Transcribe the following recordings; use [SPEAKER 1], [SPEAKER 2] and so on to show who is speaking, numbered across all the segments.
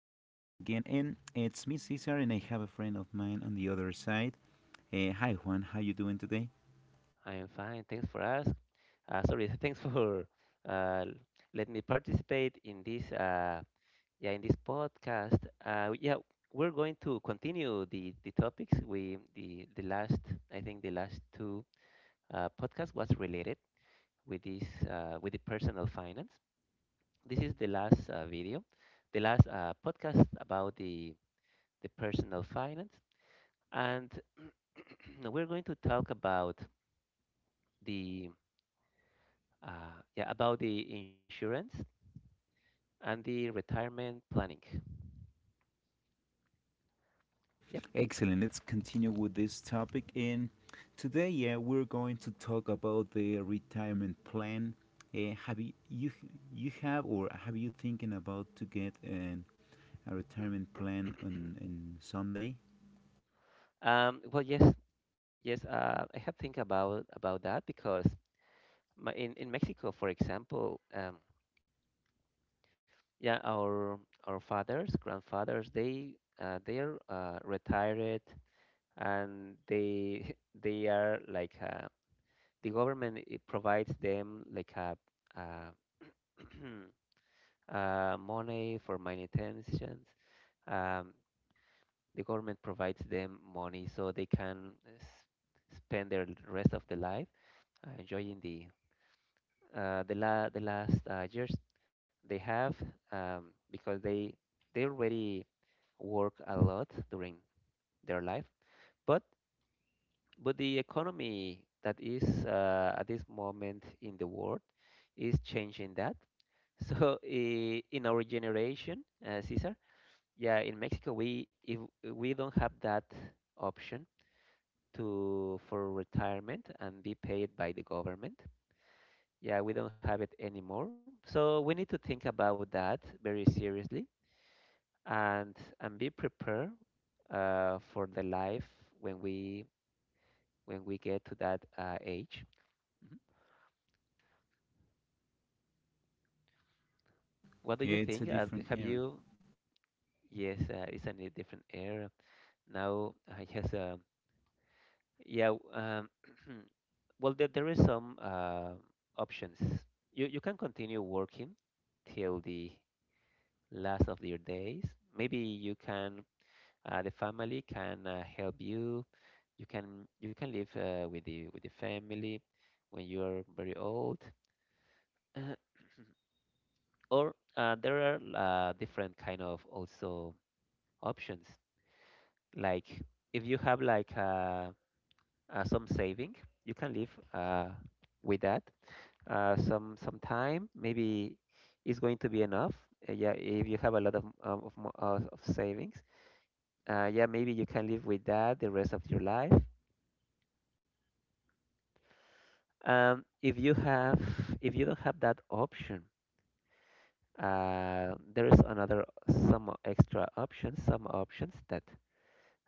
[SPEAKER 1] again. And it's me, Cesar, and I have a friend of mine on the other side. Hi Juan, how you doing today?
[SPEAKER 2] I am fine. Thanks for asking. Sorry, thanks for uh, letting me participate in this yeah in this podcast. Uh, yeah, we're going to continue the topics we the last I think the last two podcast was related with this with the personal finance. This is the last video, the last podcast about the personal finance, and we're going to talk the yeah, about the insurance and the retirement planning. Yep.
[SPEAKER 1] Excellent. Let's continue with this topic. And today, yeah, we're going to talk about the retirement plan. Have you have or have you thinking about to get a retirement plan on someday?
[SPEAKER 2] Yes, yes. I have think about that because in Mexico, for example, yeah, our our fathers, grandfathers, they're retired, and they they are like the government it provides them like uh, money for manutentions. Um, the government provides them money so they can spend their rest of the life enjoying the last years they have, because they already work a lot during their life, but but the economy that is at this moment in the world is changing that so in our generation, Cesar, yeah, in Mexico, we, if we don't have that option to for retirement and be paid by the government. Yeah, we don't have it anymore. So we need to think about that very seriously, and be prepared for the life when we get to that age. What do you
[SPEAKER 1] Yeah, it's
[SPEAKER 2] think?
[SPEAKER 1] a different
[SPEAKER 2] Have
[SPEAKER 1] era.
[SPEAKER 2] you? Yes, it's a different era now, I guess. Yeah. w- Um, well, there is some options. You can continue working till the last of your days. Maybe the family can help you. You can live with the family when you are very old. Uh, or there are different kind of also options. Like if you have like some saving, you can live with that. Some time maybe it's going to be enough. Yeah, if you have a lot of savings, yeah, maybe you can live with that the rest of your life. Um, if you have, if you don't have that option, there is another some extra options, some options that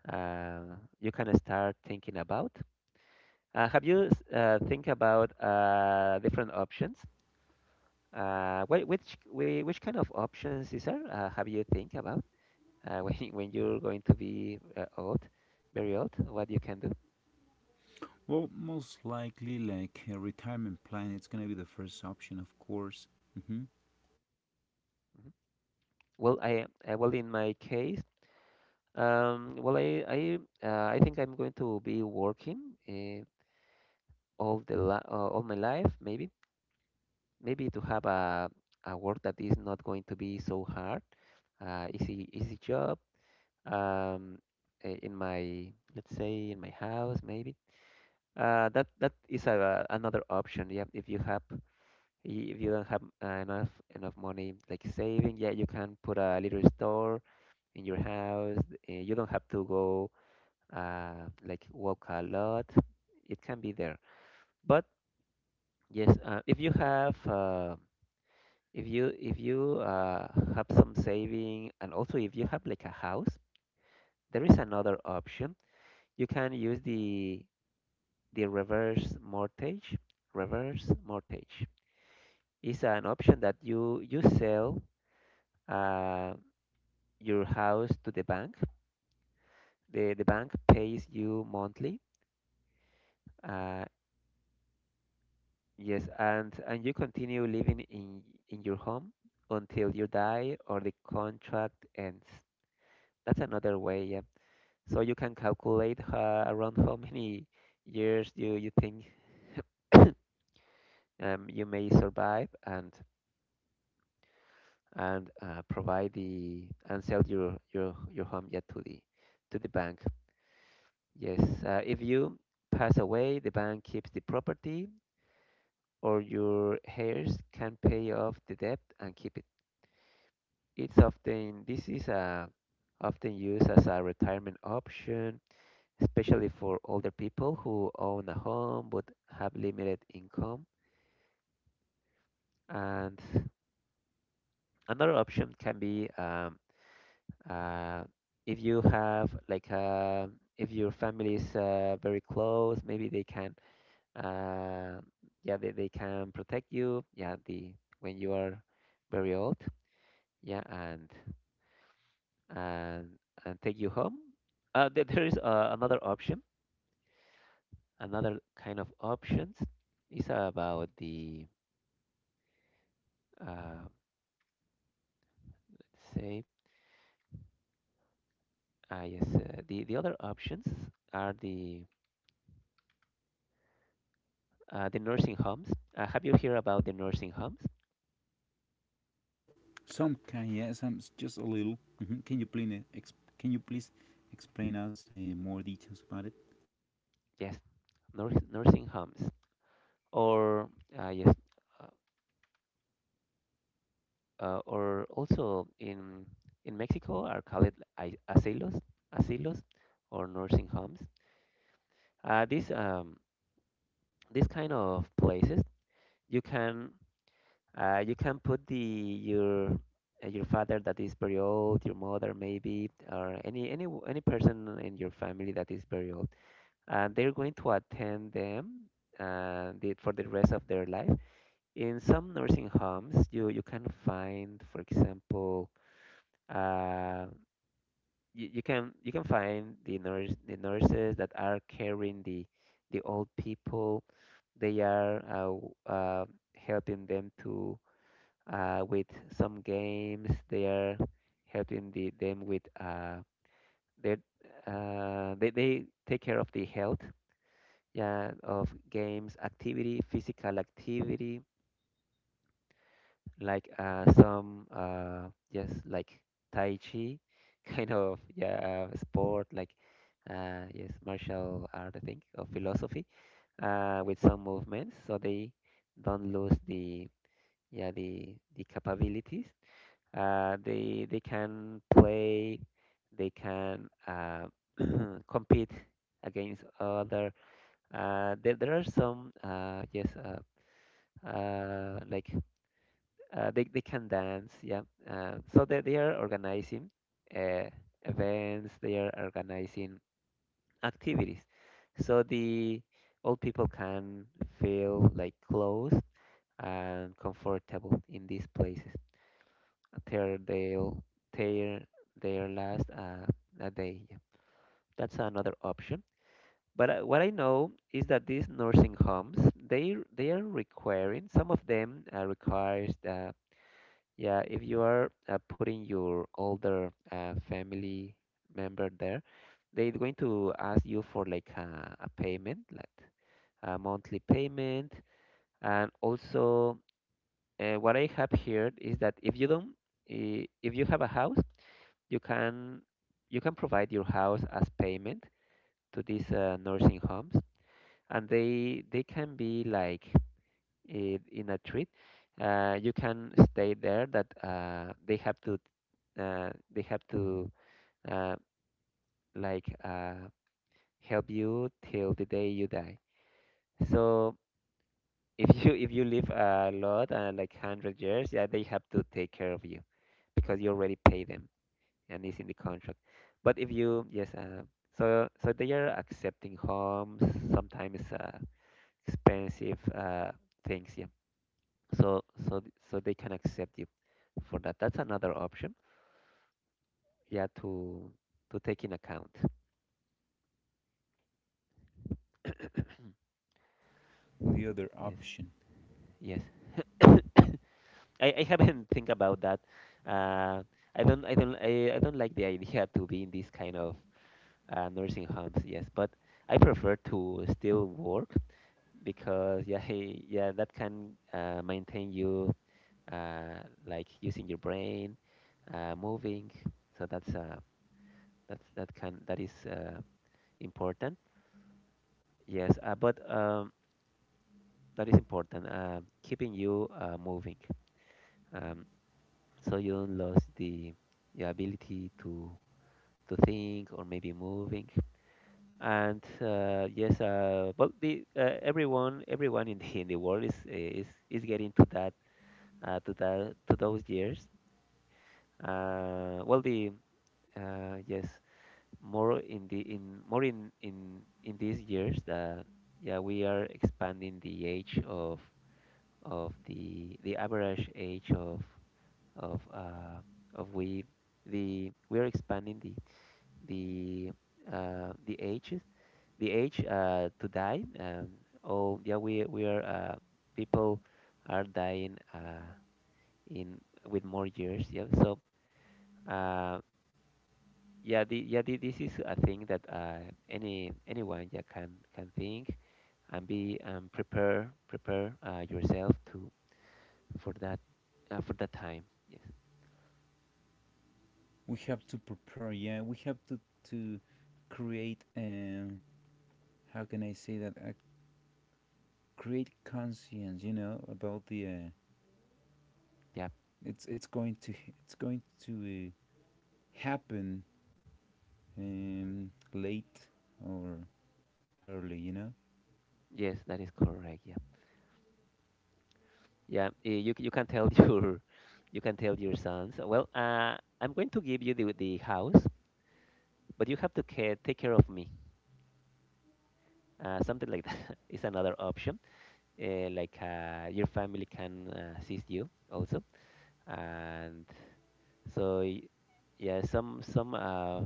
[SPEAKER 2] you can start thinking about. Have you think about different options? Which kind of options is there? Have you think about when you're going to be old, very old, what you can do?
[SPEAKER 1] Well, most likely, like a retirement plan, it's gonna be the first option, of course. hmm
[SPEAKER 2] Mhm. Well, I well in my case. Um, well, I I I think I'm going to be working all the li all my life, maybe, to have a work that is not going to be so hard, easy job. Um, I- in my let's say in my house, maybe. That is another option. Yeah, if you don't have enough money like saving, yeah, you can put a little store in your house. You don't have to go like walk a lot. It can be there, but yes, if you have some saving, and also if you have like a house, there is another option. You can use the reverse mortgage. Reverse mortgage is an option that you sell uh, your house to the bank. The bank pays you monthly. Uh, Yes, and you continue living in your home until you die or the contract ends. That's another way, yeah. So you can calculate around how many years you think you may survive, and provide the and sell your home yet to the bank. Yes, if you pass away, the bank keeps the property, or your heirs can pay off the debt and keep it. It's often this is often used as a retirement option, especially for older people who own a home but have limited income. And another option can be uh, if you have if your family is very close, maybe uh, they can protect you, yeah, the when you are very old, yeah, and and take you home. There there is another option. Another kind of options is about the uh, let's say yes the other options, are the nursing homes. Have you heard about the nursing homes?
[SPEAKER 1] Some can, yeah, just a little. Can can you please explain us more details about it?
[SPEAKER 2] Yes, nursing homes, or uh, yes uh, or also in Mexico are called ai- asilos asilos, or nursing homes. These kind of places you can... you can put the your father that is very old, your mother maybe, or any person in your family that is very old, and they're going to attend them, for the rest of their life. In some nursing homes, you can find, for example, uh, you can find the nurses that are caring the old people. They are helping them to with some games. They are helping them with their they take care of the health. Yeah, of games, activity, physical activity, like some just like tai chi, kind of, yeah, sport, like yes, martial art I think, or philosophy, with some movements so they don't lose the capabilities. They can play, they can compete against other. There are some uh, like they can dance. Yeah, so they are organizing uh, events. They are organizing activities. So the old people can feel like close and comfortable in these places. tear their tear their last a day. Yeah, that's another option. But what I know is that these nursing homes, they are requiring, some of them requires that, yeah, if you are putting your older family member there, they're going to ask you for like a payment, like a monthly payment, and also what I have heard is that if you have a house you can, provide your house as payment to these nursing homes, and they can be like in a treat. You can stay there, that they have to uh, like uh, help you till the day you die. So if you live a lot, like 100 years, yeah, they have to take care of you because you already pay them, and is in the contract. But if you yes, so they are accepting homes, sometimes expensive things. Yeah, so so they can accept you for that. That's another option. Yeah, to take in account.
[SPEAKER 1] The other
[SPEAKER 2] Yes,
[SPEAKER 1] option,
[SPEAKER 2] yes. I haven't think about that. Uh, I don't like the idea to be in this kind of nursing homes. Yes, but I prefer to still work because, yeah, yeah, that can maintain you, like using your brain, moving. So that's that can that is important. Yes, but that is important. Keeping you moving, um, so you don't lose the your ability to think or maybe moving. And yes, but the everyone in the in the world is getting to that, to those years. Well, uh, yes, more in the in more in these years that, yeah, we are expanding the age of the average age of uh of we are expanding the uh the ages the age to die. Oh yeah, we are people are dying in with more years, yeah, so... Uh, this is a thing that anyone, yeah, can think and be prepare yourself to for that, for that time. Yes,
[SPEAKER 1] we have to prepare. Yeah, we have to to create. How can I say that? Create conscience. You know about the.
[SPEAKER 2] yeah,
[SPEAKER 1] It's going to it's going to uh, happen, late or early, you know.
[SPEAKER 2] yes, that is correct. Yeah, yeah, you can tell you can tell your sons. Well, I'm going to give you the house, but you have to take care of me. Something like that is another option. Like your family can assist you also. And So y- yeah, some some uh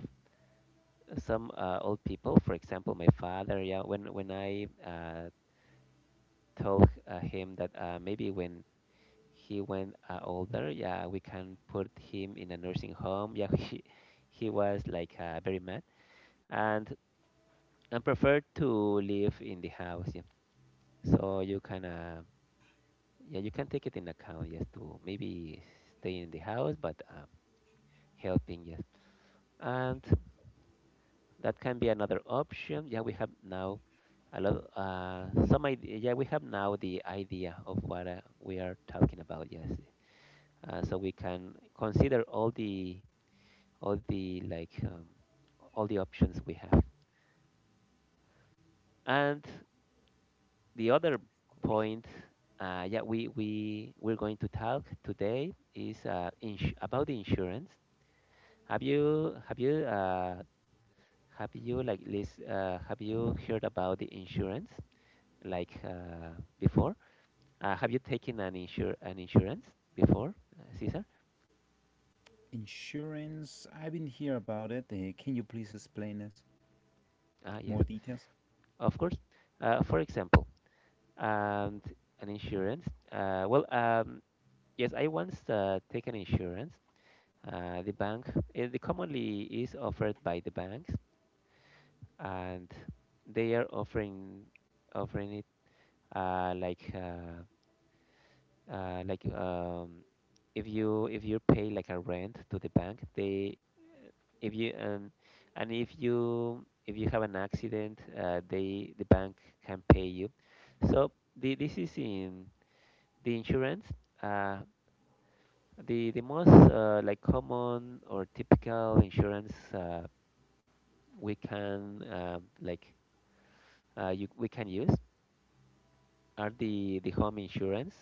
[SPEAKER 2] some uh, old people, for example, my father. Yeah, when when I told him that maybe when he went older, yeah, we can put him in a nursing home. Yeah, he was like very mad and and preferred to live in the house. Yeah, so you can yeah you can take it in account. Yes, to maybe stay in the house, but helping. Yes. and. That can be another option. Yeah, we have now a lot. Some idea. Yeah, we have now the idea of what we are talking about. Yes, so we can consider all the all the all the options we have. And the other
[SPEAKER 1] Of course.
[SPEAKER 2] point, yeah, we we're going to talk today is about the insurance. Have you have you heard about the insurance? like uh, Before. Have you taken an insurance before, Cesar?
[SPEAKER 1] Insurance, I didn't hear about it. Can you please explain us more
[SPEAKER 2] Yes,
[SPEAKER 1] details?
[SPEAKER 2] of course. For example, and an insurance. Well, yes, I once taken insurance. Uh, the bank, uh, the commonly is offered by the banks, and they are offering it uh, like uh, like if you pay like a rent to the bank, they if you and if you have an accident, the bank can pay you. So this is in the insurance. Uh, the most like common or typical insurance we can um, like we can use are the home insurance.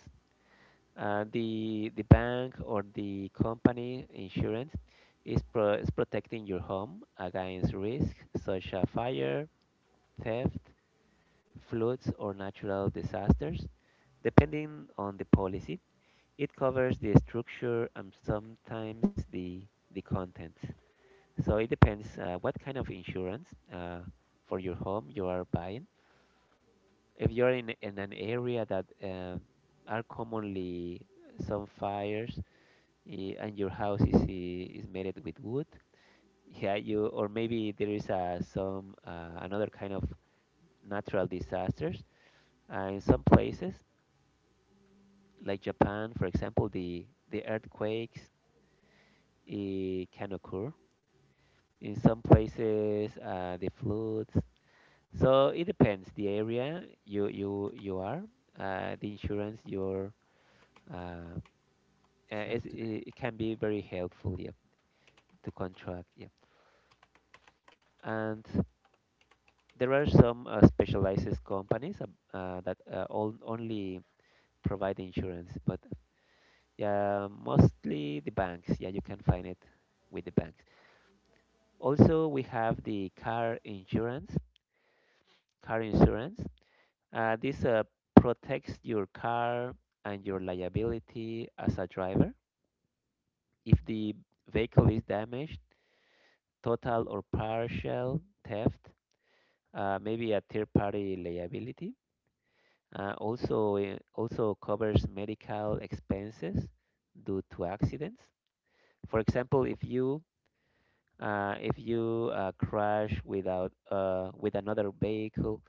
[SPEAKER 2] The bank or the company insurance is protecting your home against risk such as fire, theft, floods, or natural disasters. Depending on the policy, it covers the structure and sometimes the content. So it depends what kind of insurance uh, for your home you are buying. If you're in an area that are commonly some fires, and your house is made with wood, yeah, you, or maybe there is some another kind of natural disasters. In some places, like Japan, for example, the earthquakes can occur. In some places, the floods. So it depends the area you are, the insurance your uh,
[SPEAKER 1] Have
[SPEAKER 2] it's,
[SPEAKER 1] to.
[SPEAKER 2] it can be very helpful, yeah, to contract, yeah. And there are some specialized companies that only provide insurance, but yeah, mostly the banks. Yeah, you can find it with the banks. Also, we have the car insurance. Car insurance. This Protects your car and your liability as a driver. If the vehicle is damaged, total or partial theft, maybe a third-party liability. It also covers medical expenses due to accidents. For example, if you crash without with another vehicle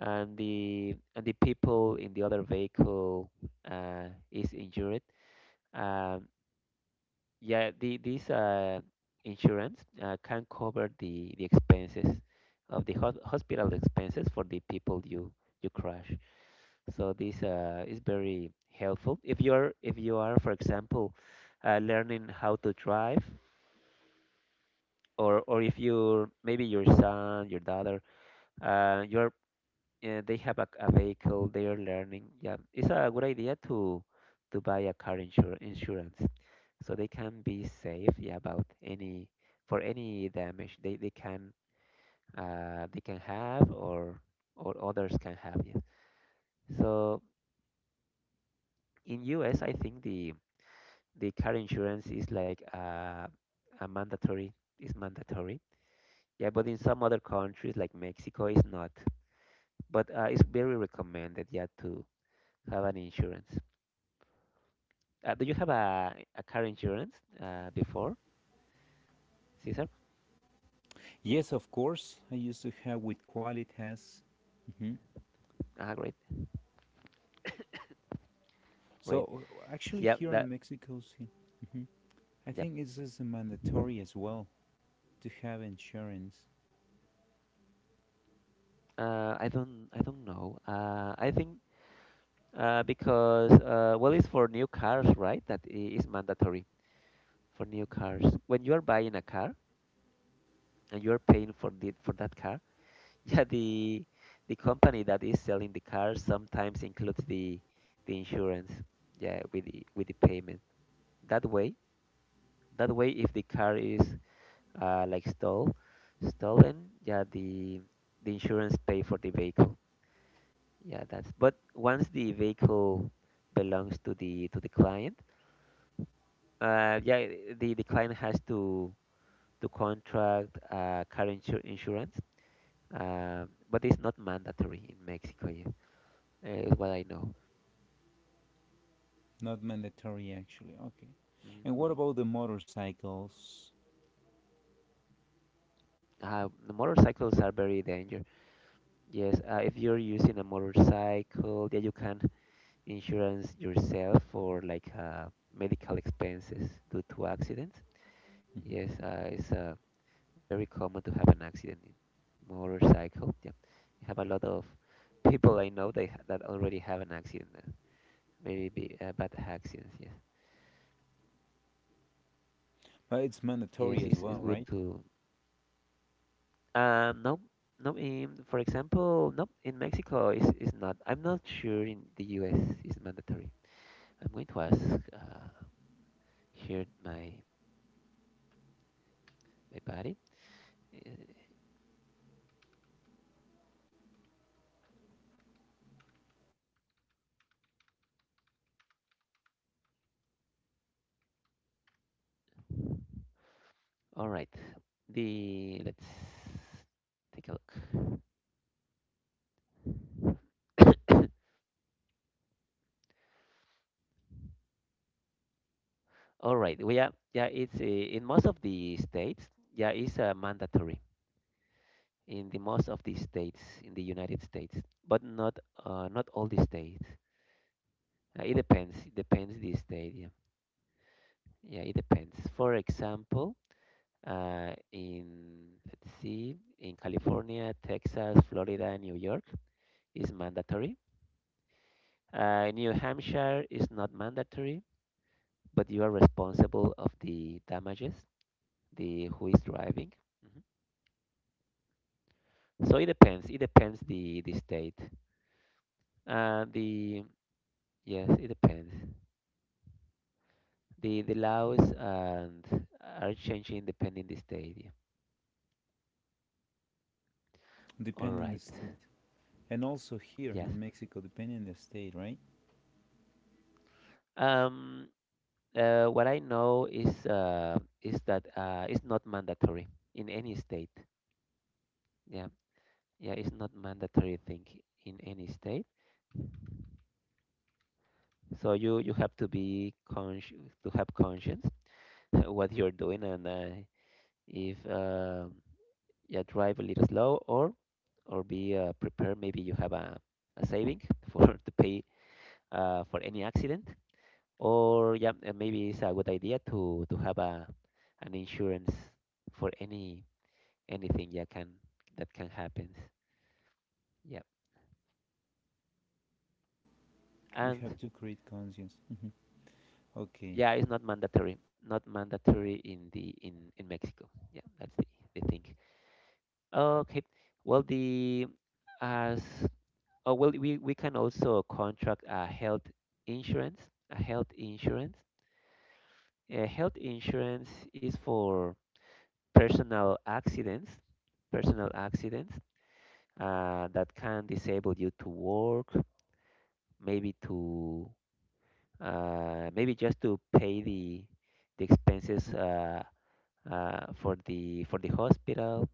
[SPEAKER 2] and the people in the other vehicle is injured. Um, yeah, the, this insurance can cover the expenses of the hospital expenses for the people you crash. So this is very helpful if you're if you are, for example, learning how to drive, or if you, maybe your son, your daughter, you're yeah, they have a vehicle, they are learning. Yeah, it's a good idea to buy a car insur insurance so they can be safe, yeah, about any, for any damage they can they can have, or others can have, yeah. So in US, I think the car insurance is like a mandatory is mandatory. Yeah, but in some other countries like Mexico, it's not. But it's very recommended, yeah, to have an insurance. Do you have a car insurance before, Caesar?
[SPEAKER 1] Yes, of course. I used to have with Qualitas. Hmm
[SPEAKER 2] Ah, great, great.
[SPEAKER 1] So actually,
[SPEAKER 2] Yeah,
[SPEAKER 1] here
[SPEAKER 2] that,
[SPEAKER 1] in Mexico, see, I
[SPEAKER 2] yeah.
[SPEAKER 1] think it's just mandatory as well to have insurance.
[SPEAKER 2] I don't know. I think, because well, it's for new cars, right? Is mandatory for new cars. When you are buying a car and you are paying for the for that car, yeah, the company that is selling the car sometimes includes the insurance, yeah, with the payment. That way, that way, if the car is uh, like stole, stolen. Yeah, the insurance pay for the vehicle. Yeah, that's. But once the vehicle belongs to the client, yeah, the client has to contract insurance. But it's not mandatory in Mexico yet, is what I know.
[SPEAKER 1] Not mandatory, actually. Okay.
[SPEAKER 2] Mhm.
[SPEAKER 1] And what about the motorcycles?
[SPEAKER 2] The motorcycles are very dangerous. Yes, if you're using a motorcycle, yeah, you can insurance yourself for medical expenses due to accidents. Yes, it's very common to have an accident in motorcycle. Yeah, I have a lot of people I know that already have an accident, very big bad accidents. Yes,
[SPEAKER 1] But it's
[SPEAKER 2] yes,
[SPEAKER 1] mandatory as
[SPEAKER 2] it's good
[SPEAKER 1] well, right?
[SPEAKER 2] to. Um, no, no. In, for example, no, in Mexico is not. I'm not sure in the U.S. is mandatory. I'm going to ask uh, here my buddy. Uh, all right. The Let's take a look. All right, we are, yeah, it's in most of the states. Yeah, it's mandatory in the most of the states in the United States, but not not all the states. It depends. It depends the state. Yeah, yeah, it depends. For example, in let's see, in California, Texas, Florida, New York is mandatory. New Hampshire is not mandatory, but you are responsible of the damages. The who is driving. Hmm. So it depends. It depends the state. The Yes, it depends. The laws and are changing depending the state. Yeah. All
[SPEAKER 1] Depending the
[SPEAKER 2] right.
[SPEAKER 1] state. And also here
[SPEAKER 2] Yes.
[SPEAKER 1] in Mexico, depending the state, right?
[SPEAKER 2] Um. What I know is that it's not mandatory in any state. Yeah. Yeah. It's not mandatory thing in any state. So you have to be conscious, to have conscience what you're doing and, if yeah, drive a little slow or be prepared, maybe you have a saving for to pay for any accident, or yeah, maybe it's a good idea to have a an insurance for any, anything, yeah, can that can happen, yeah.
[SPEAKER 1] We
[SPEAKER 2] And
[SPEAKER 1] have to create conscience. Mm-hmm. Okay,
[SPEAKER 2] yeah, it's not mandatory, not mandatory in the in Mexico. Yeah, that's the thing. Okay. well the as Oh, well, we can also contract a health insurance. A health insurance. A health insurance is for personal accidents, personal accidents that can disable you to work, maybe to, maybe just to pay the expenses, for the hospital.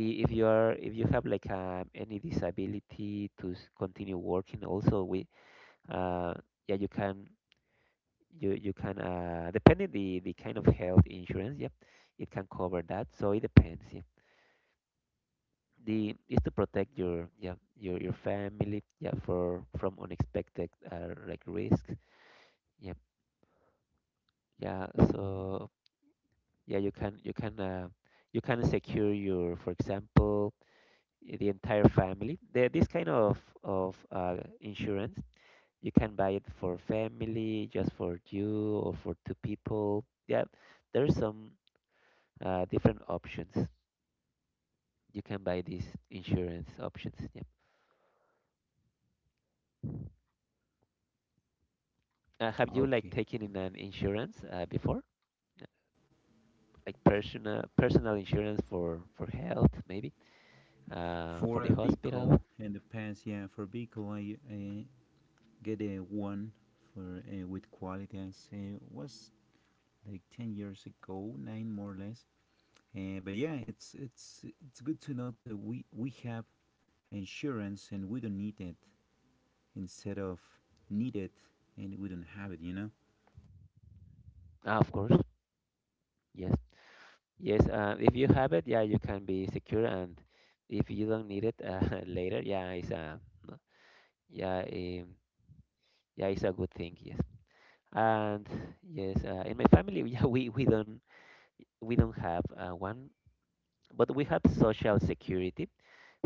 [SPEAKER 2] If you are if you have like any disability to continue working, also we, uh, yeah, you can, you can, depending the kind of health insurance, yep, it can cover that. So it depends, yeah. the Is to protect your, yeah, your family, yeah, for from unexpected like risks, yep, yeah. So yeah, you can, you can secure your, for example, the entire family. The, this kind of of uh, insurance, you can buy it for family, just for you, or for two people, yeah. There's some different options. You can buy these insurance options. Yeah. Have you like
[SPEAKER 1] okay.
[SPEAKER 2] taken in an insurance before? Uh, Like personal, personal insurance for health, maybe for
[SPEAKER 1] For
[SPEAKER 2] the
[SPEAKER 1] a
[SPEAKER 2] hospital.
[SPEAKER 1] pickle in the past, yeah, for pickle I get a one for with quality as was like 10 years ago, nine more or less. But yeah, it's good to know that we have insurance and we don't need it instead of need it and we don't have it, you know.
[SPEAKER 2] Ah, of course. Yes. Yes. If you have it, yeah, you can be secure. And if you don't need it later, yeah, it's a no- yeah, yeah, it's a good thing. Yes. And yes, in my family, yeah, we don't have one, but we have social security.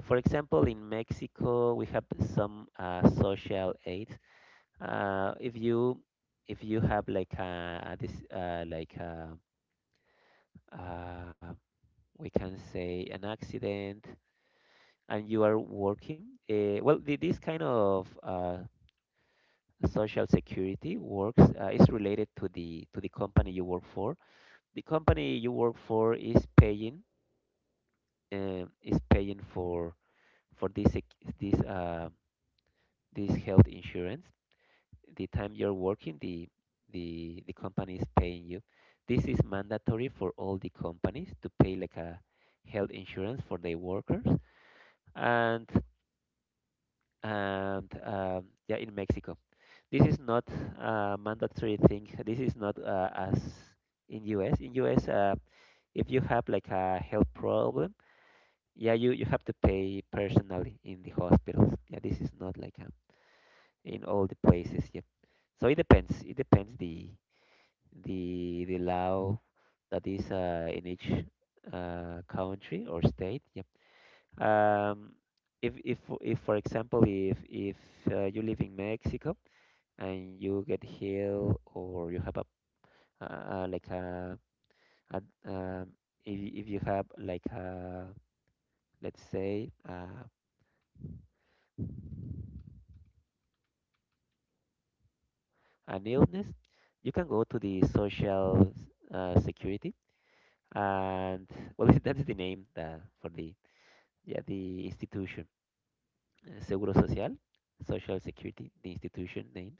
[SPEAKER 2] For example, in Mexico, we have some social aids. If you, if you have like a this like a, uh, we can say, an accident and you are working, this kind of social security works, is related to the company you work for. The company you work for is paying, is paying for this this health insurance, the time you're working, the company is paying you. This is mandatory for all the companies to pay like a health insurance for their workers. And, yeah, in Mexico, this is not a mandatory thing. This is not as in US. In US, if you have like a health problem, yeah, you have to pay personally in the hospitals. Yeah, this is not like a, in all the places. Yeah, so it depends. It depends the law that is in each country or state. Yep. Um, if for example if you live in Mexico and you get ill or you have a uh, like a, a um, if you have like a let's say an illness, you can go to the social security and, well, that's the name for the, yeah, the institution, Seguro Social, Social Security, the institution names,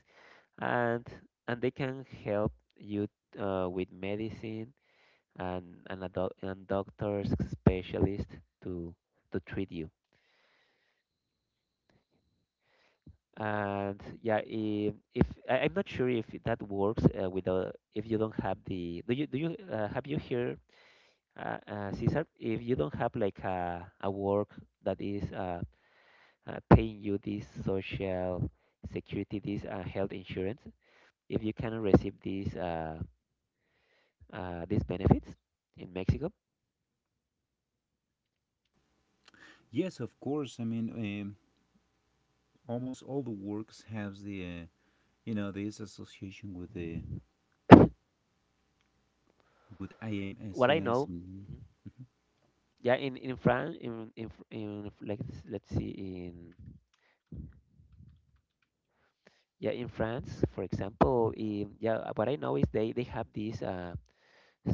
[SPEAKER 2] and they can help you with medicine and, and doctors specialist to treat you. And yeah, if I, I'm not sure if that works without, if you don't have the, do you have you here, Cesar, if you don't have like a work that is paying you this social security, this health insurance, if you can receive these benefits in Mexico.
[SPEAKER 1] Yes, of course. I mean, almost all the works has the, you know, this association with the with
[SPEAKER 2] What I
[SPEAKER 1] IMSS
[SPEAKER 2] know.
[SPEAKER 1] and
[SPEAKER 2] Mhm. Yeah, in France, in, Fr- in F- let's see, in, yeah, in France, for example, in, yeah, what I know is they have these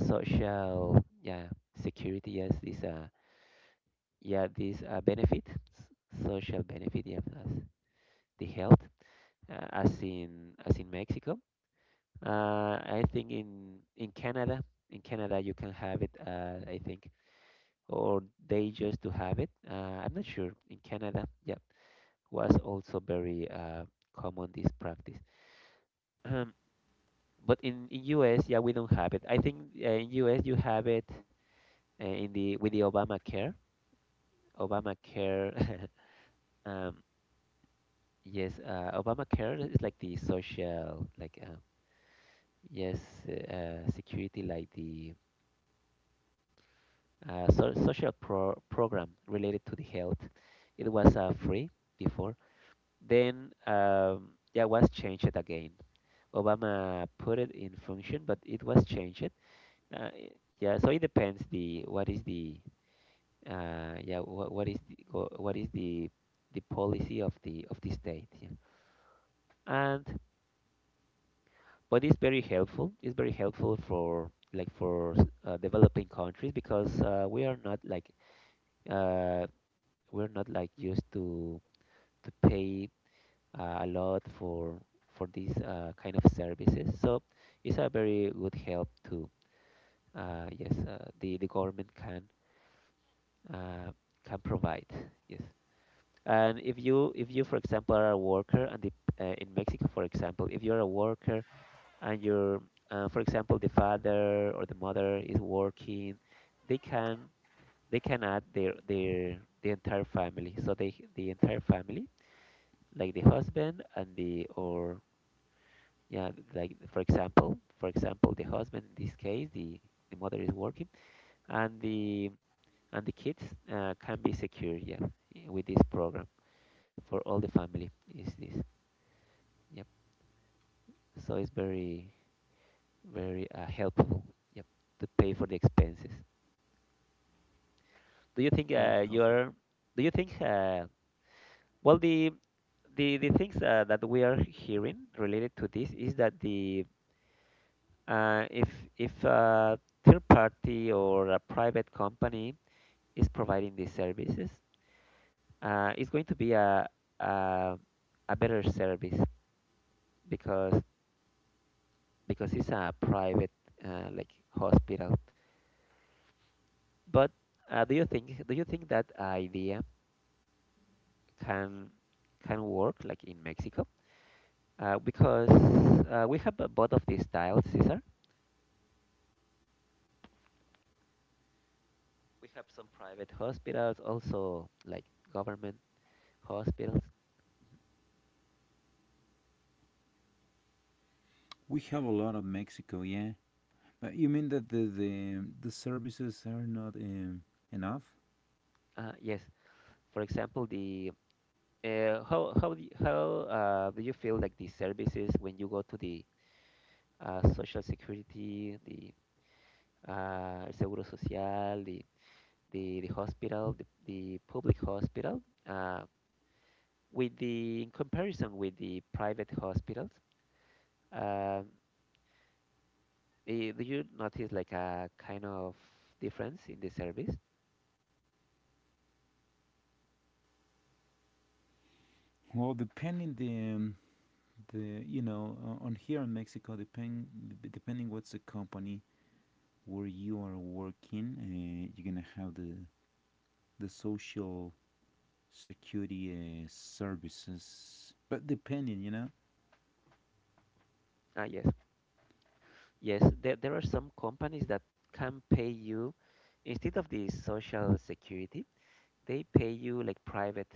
[SPEAKER 2] social, yeah, security, yes, this yeah, this social benefit, yeah, as the health, as in, as in Mexico. I think in Canada in Canada you can have it, I think, or they just to have it. I'm not sure. In Canada, yeah, was also very common this practice. Um, but in US, yeah, we don't have it. I think in US you have it in the with the Obamacare. Obamacare. um, yes, Obamacare is like the social, like, yes, security, like the, social program related to the health. It was free before. Then, yeah, was changed again. Obama put it in function, but it was changed. Uh, i- yeah, so it depends, the what is the, yeah, what is the what is the policy of the state. Yeah. And But it's very helpful. It's very helpful for, like, developing countries because, we are not like, uh, we're not like used to pay a lot for these kind of services. So it's a very good help to, yes the government can, uh, can provide. Yes. And if you for example are a worker and in Mexico for example if you're a worker and your, for example, the father or the mother is working, they can, they can add the entire family, so they, the entire family, like the husband and the, or, yeah, like for example the husband in this case, the mother is working, and the, and the kids can be secure, yeah, with this program, for all the family is this. Yep. So it's very, very helpful. Yep. To pay for the expenses. do you think
[SPEAKER 1] very
[SPEAKER 2] uh,
[SPEAKER 1] helpful.
[SPEAKER 2] you're do you think well, the, the things that we are hearing related to this is that, the if, if third party or a private company is providing these services, it's going to be a a better service because because it's a private, like, hospital. But, do you think that idea can can work like in Mexico? Because, we have, both of these styles, Cesar. We have some private hospitals, also like government hospitals.
[SPEAKER 1] We have a lot of Mexico, yeah. But you mean that the services are not, enough?
[SPEAKER 2] Yes, for example, the, how do you feel like the services when you go to the, social security, the, el seguro social, the, the hospital, the public hospital, uh, with the, in comparison with the private hospitals, um, do you notice like a kind of difference in the service?
[SPEAKER 1] Well, depending the um, the, you know, on here in Mexico, depending what's the company where you are working, you're gonna have the social security services. But depending, you know.
[SPEAKER 2] Ah, yes, yes. There are some companies that can pay you, instead of the social security, they pay you like private,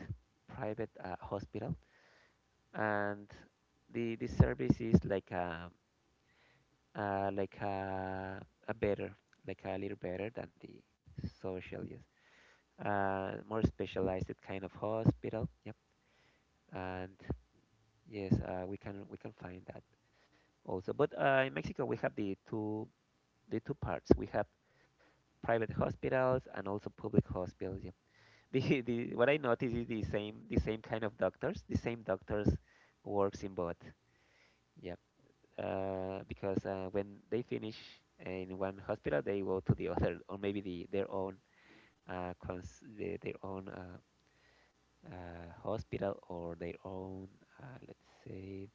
[SPEAKER 2] private hospital, and the service is like a, uh, like a, a better, like a little better than the social, yes, more specialized kind of hospital, yep. And yes, we can find that also, but in Mexico we have the two, the two parts, we have private hospitals and also public hospitals, yeah. The what I notice is the same, the same kind of doctors. The same doctors works in both. Yep. Because when they finish in one hospital, they go to the other, or maybe the their own, the, their own, hospital, or their own, let's say,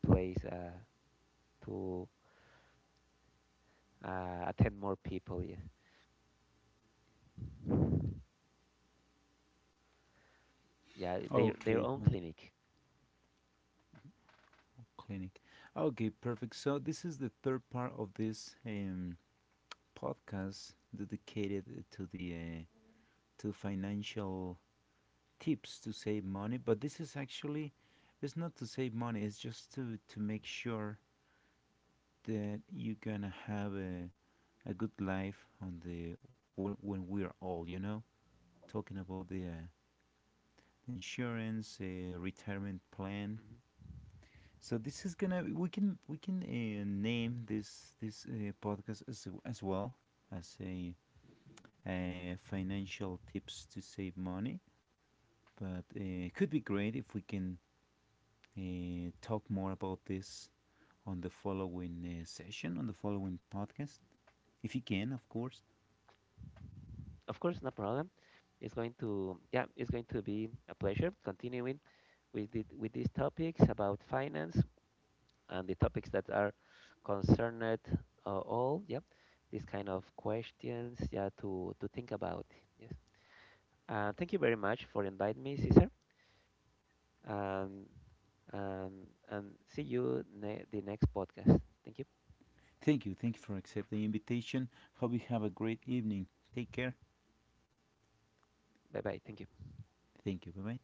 [SPEAKER 2] place, to, attend more people. Yeah, yeah, their
[SPEAKER 1] Okay,
[SPEAKER 2] own
[SPEAKER 1] what
[SPEAKER 2] clinic. Mhm,
[SPEAKER 1] clinic. Okay, perfect. So this is the third part of this. Podcast dedicated to the to financial tips to save money. But this is actually it's not to save money. It's just to make sure that you're gonna have a good life on the when we are old, you know, talking about the insurance, retirement plan.
[SPEAKER 2] mhm.
[SPEAKER 1] So this is gonna we can name this podcast as well as a financial tips to save money, but it could be great if we can talk more about this on the following session, on the following podcast, if you can, of course.
[SPEAKER 2] Of course, no problem. It's going to, yeah, it's going to be a pleasure continuing with the, with these topics about finance and the topics that are concerned, all, yeah, these kind of questions, yeah, to think about. Yes. Thank you very much for inviting me, Cesar, and and and see you the next podcast. Thank you.
[SPEAKER 1] Thank you. Thank you for accepting the invitation. Hope you have a great evening. Take care.
[SPEAKER 2] Bye bye. Thank you.
[SPEAKER 1] Thank you. Bye bye.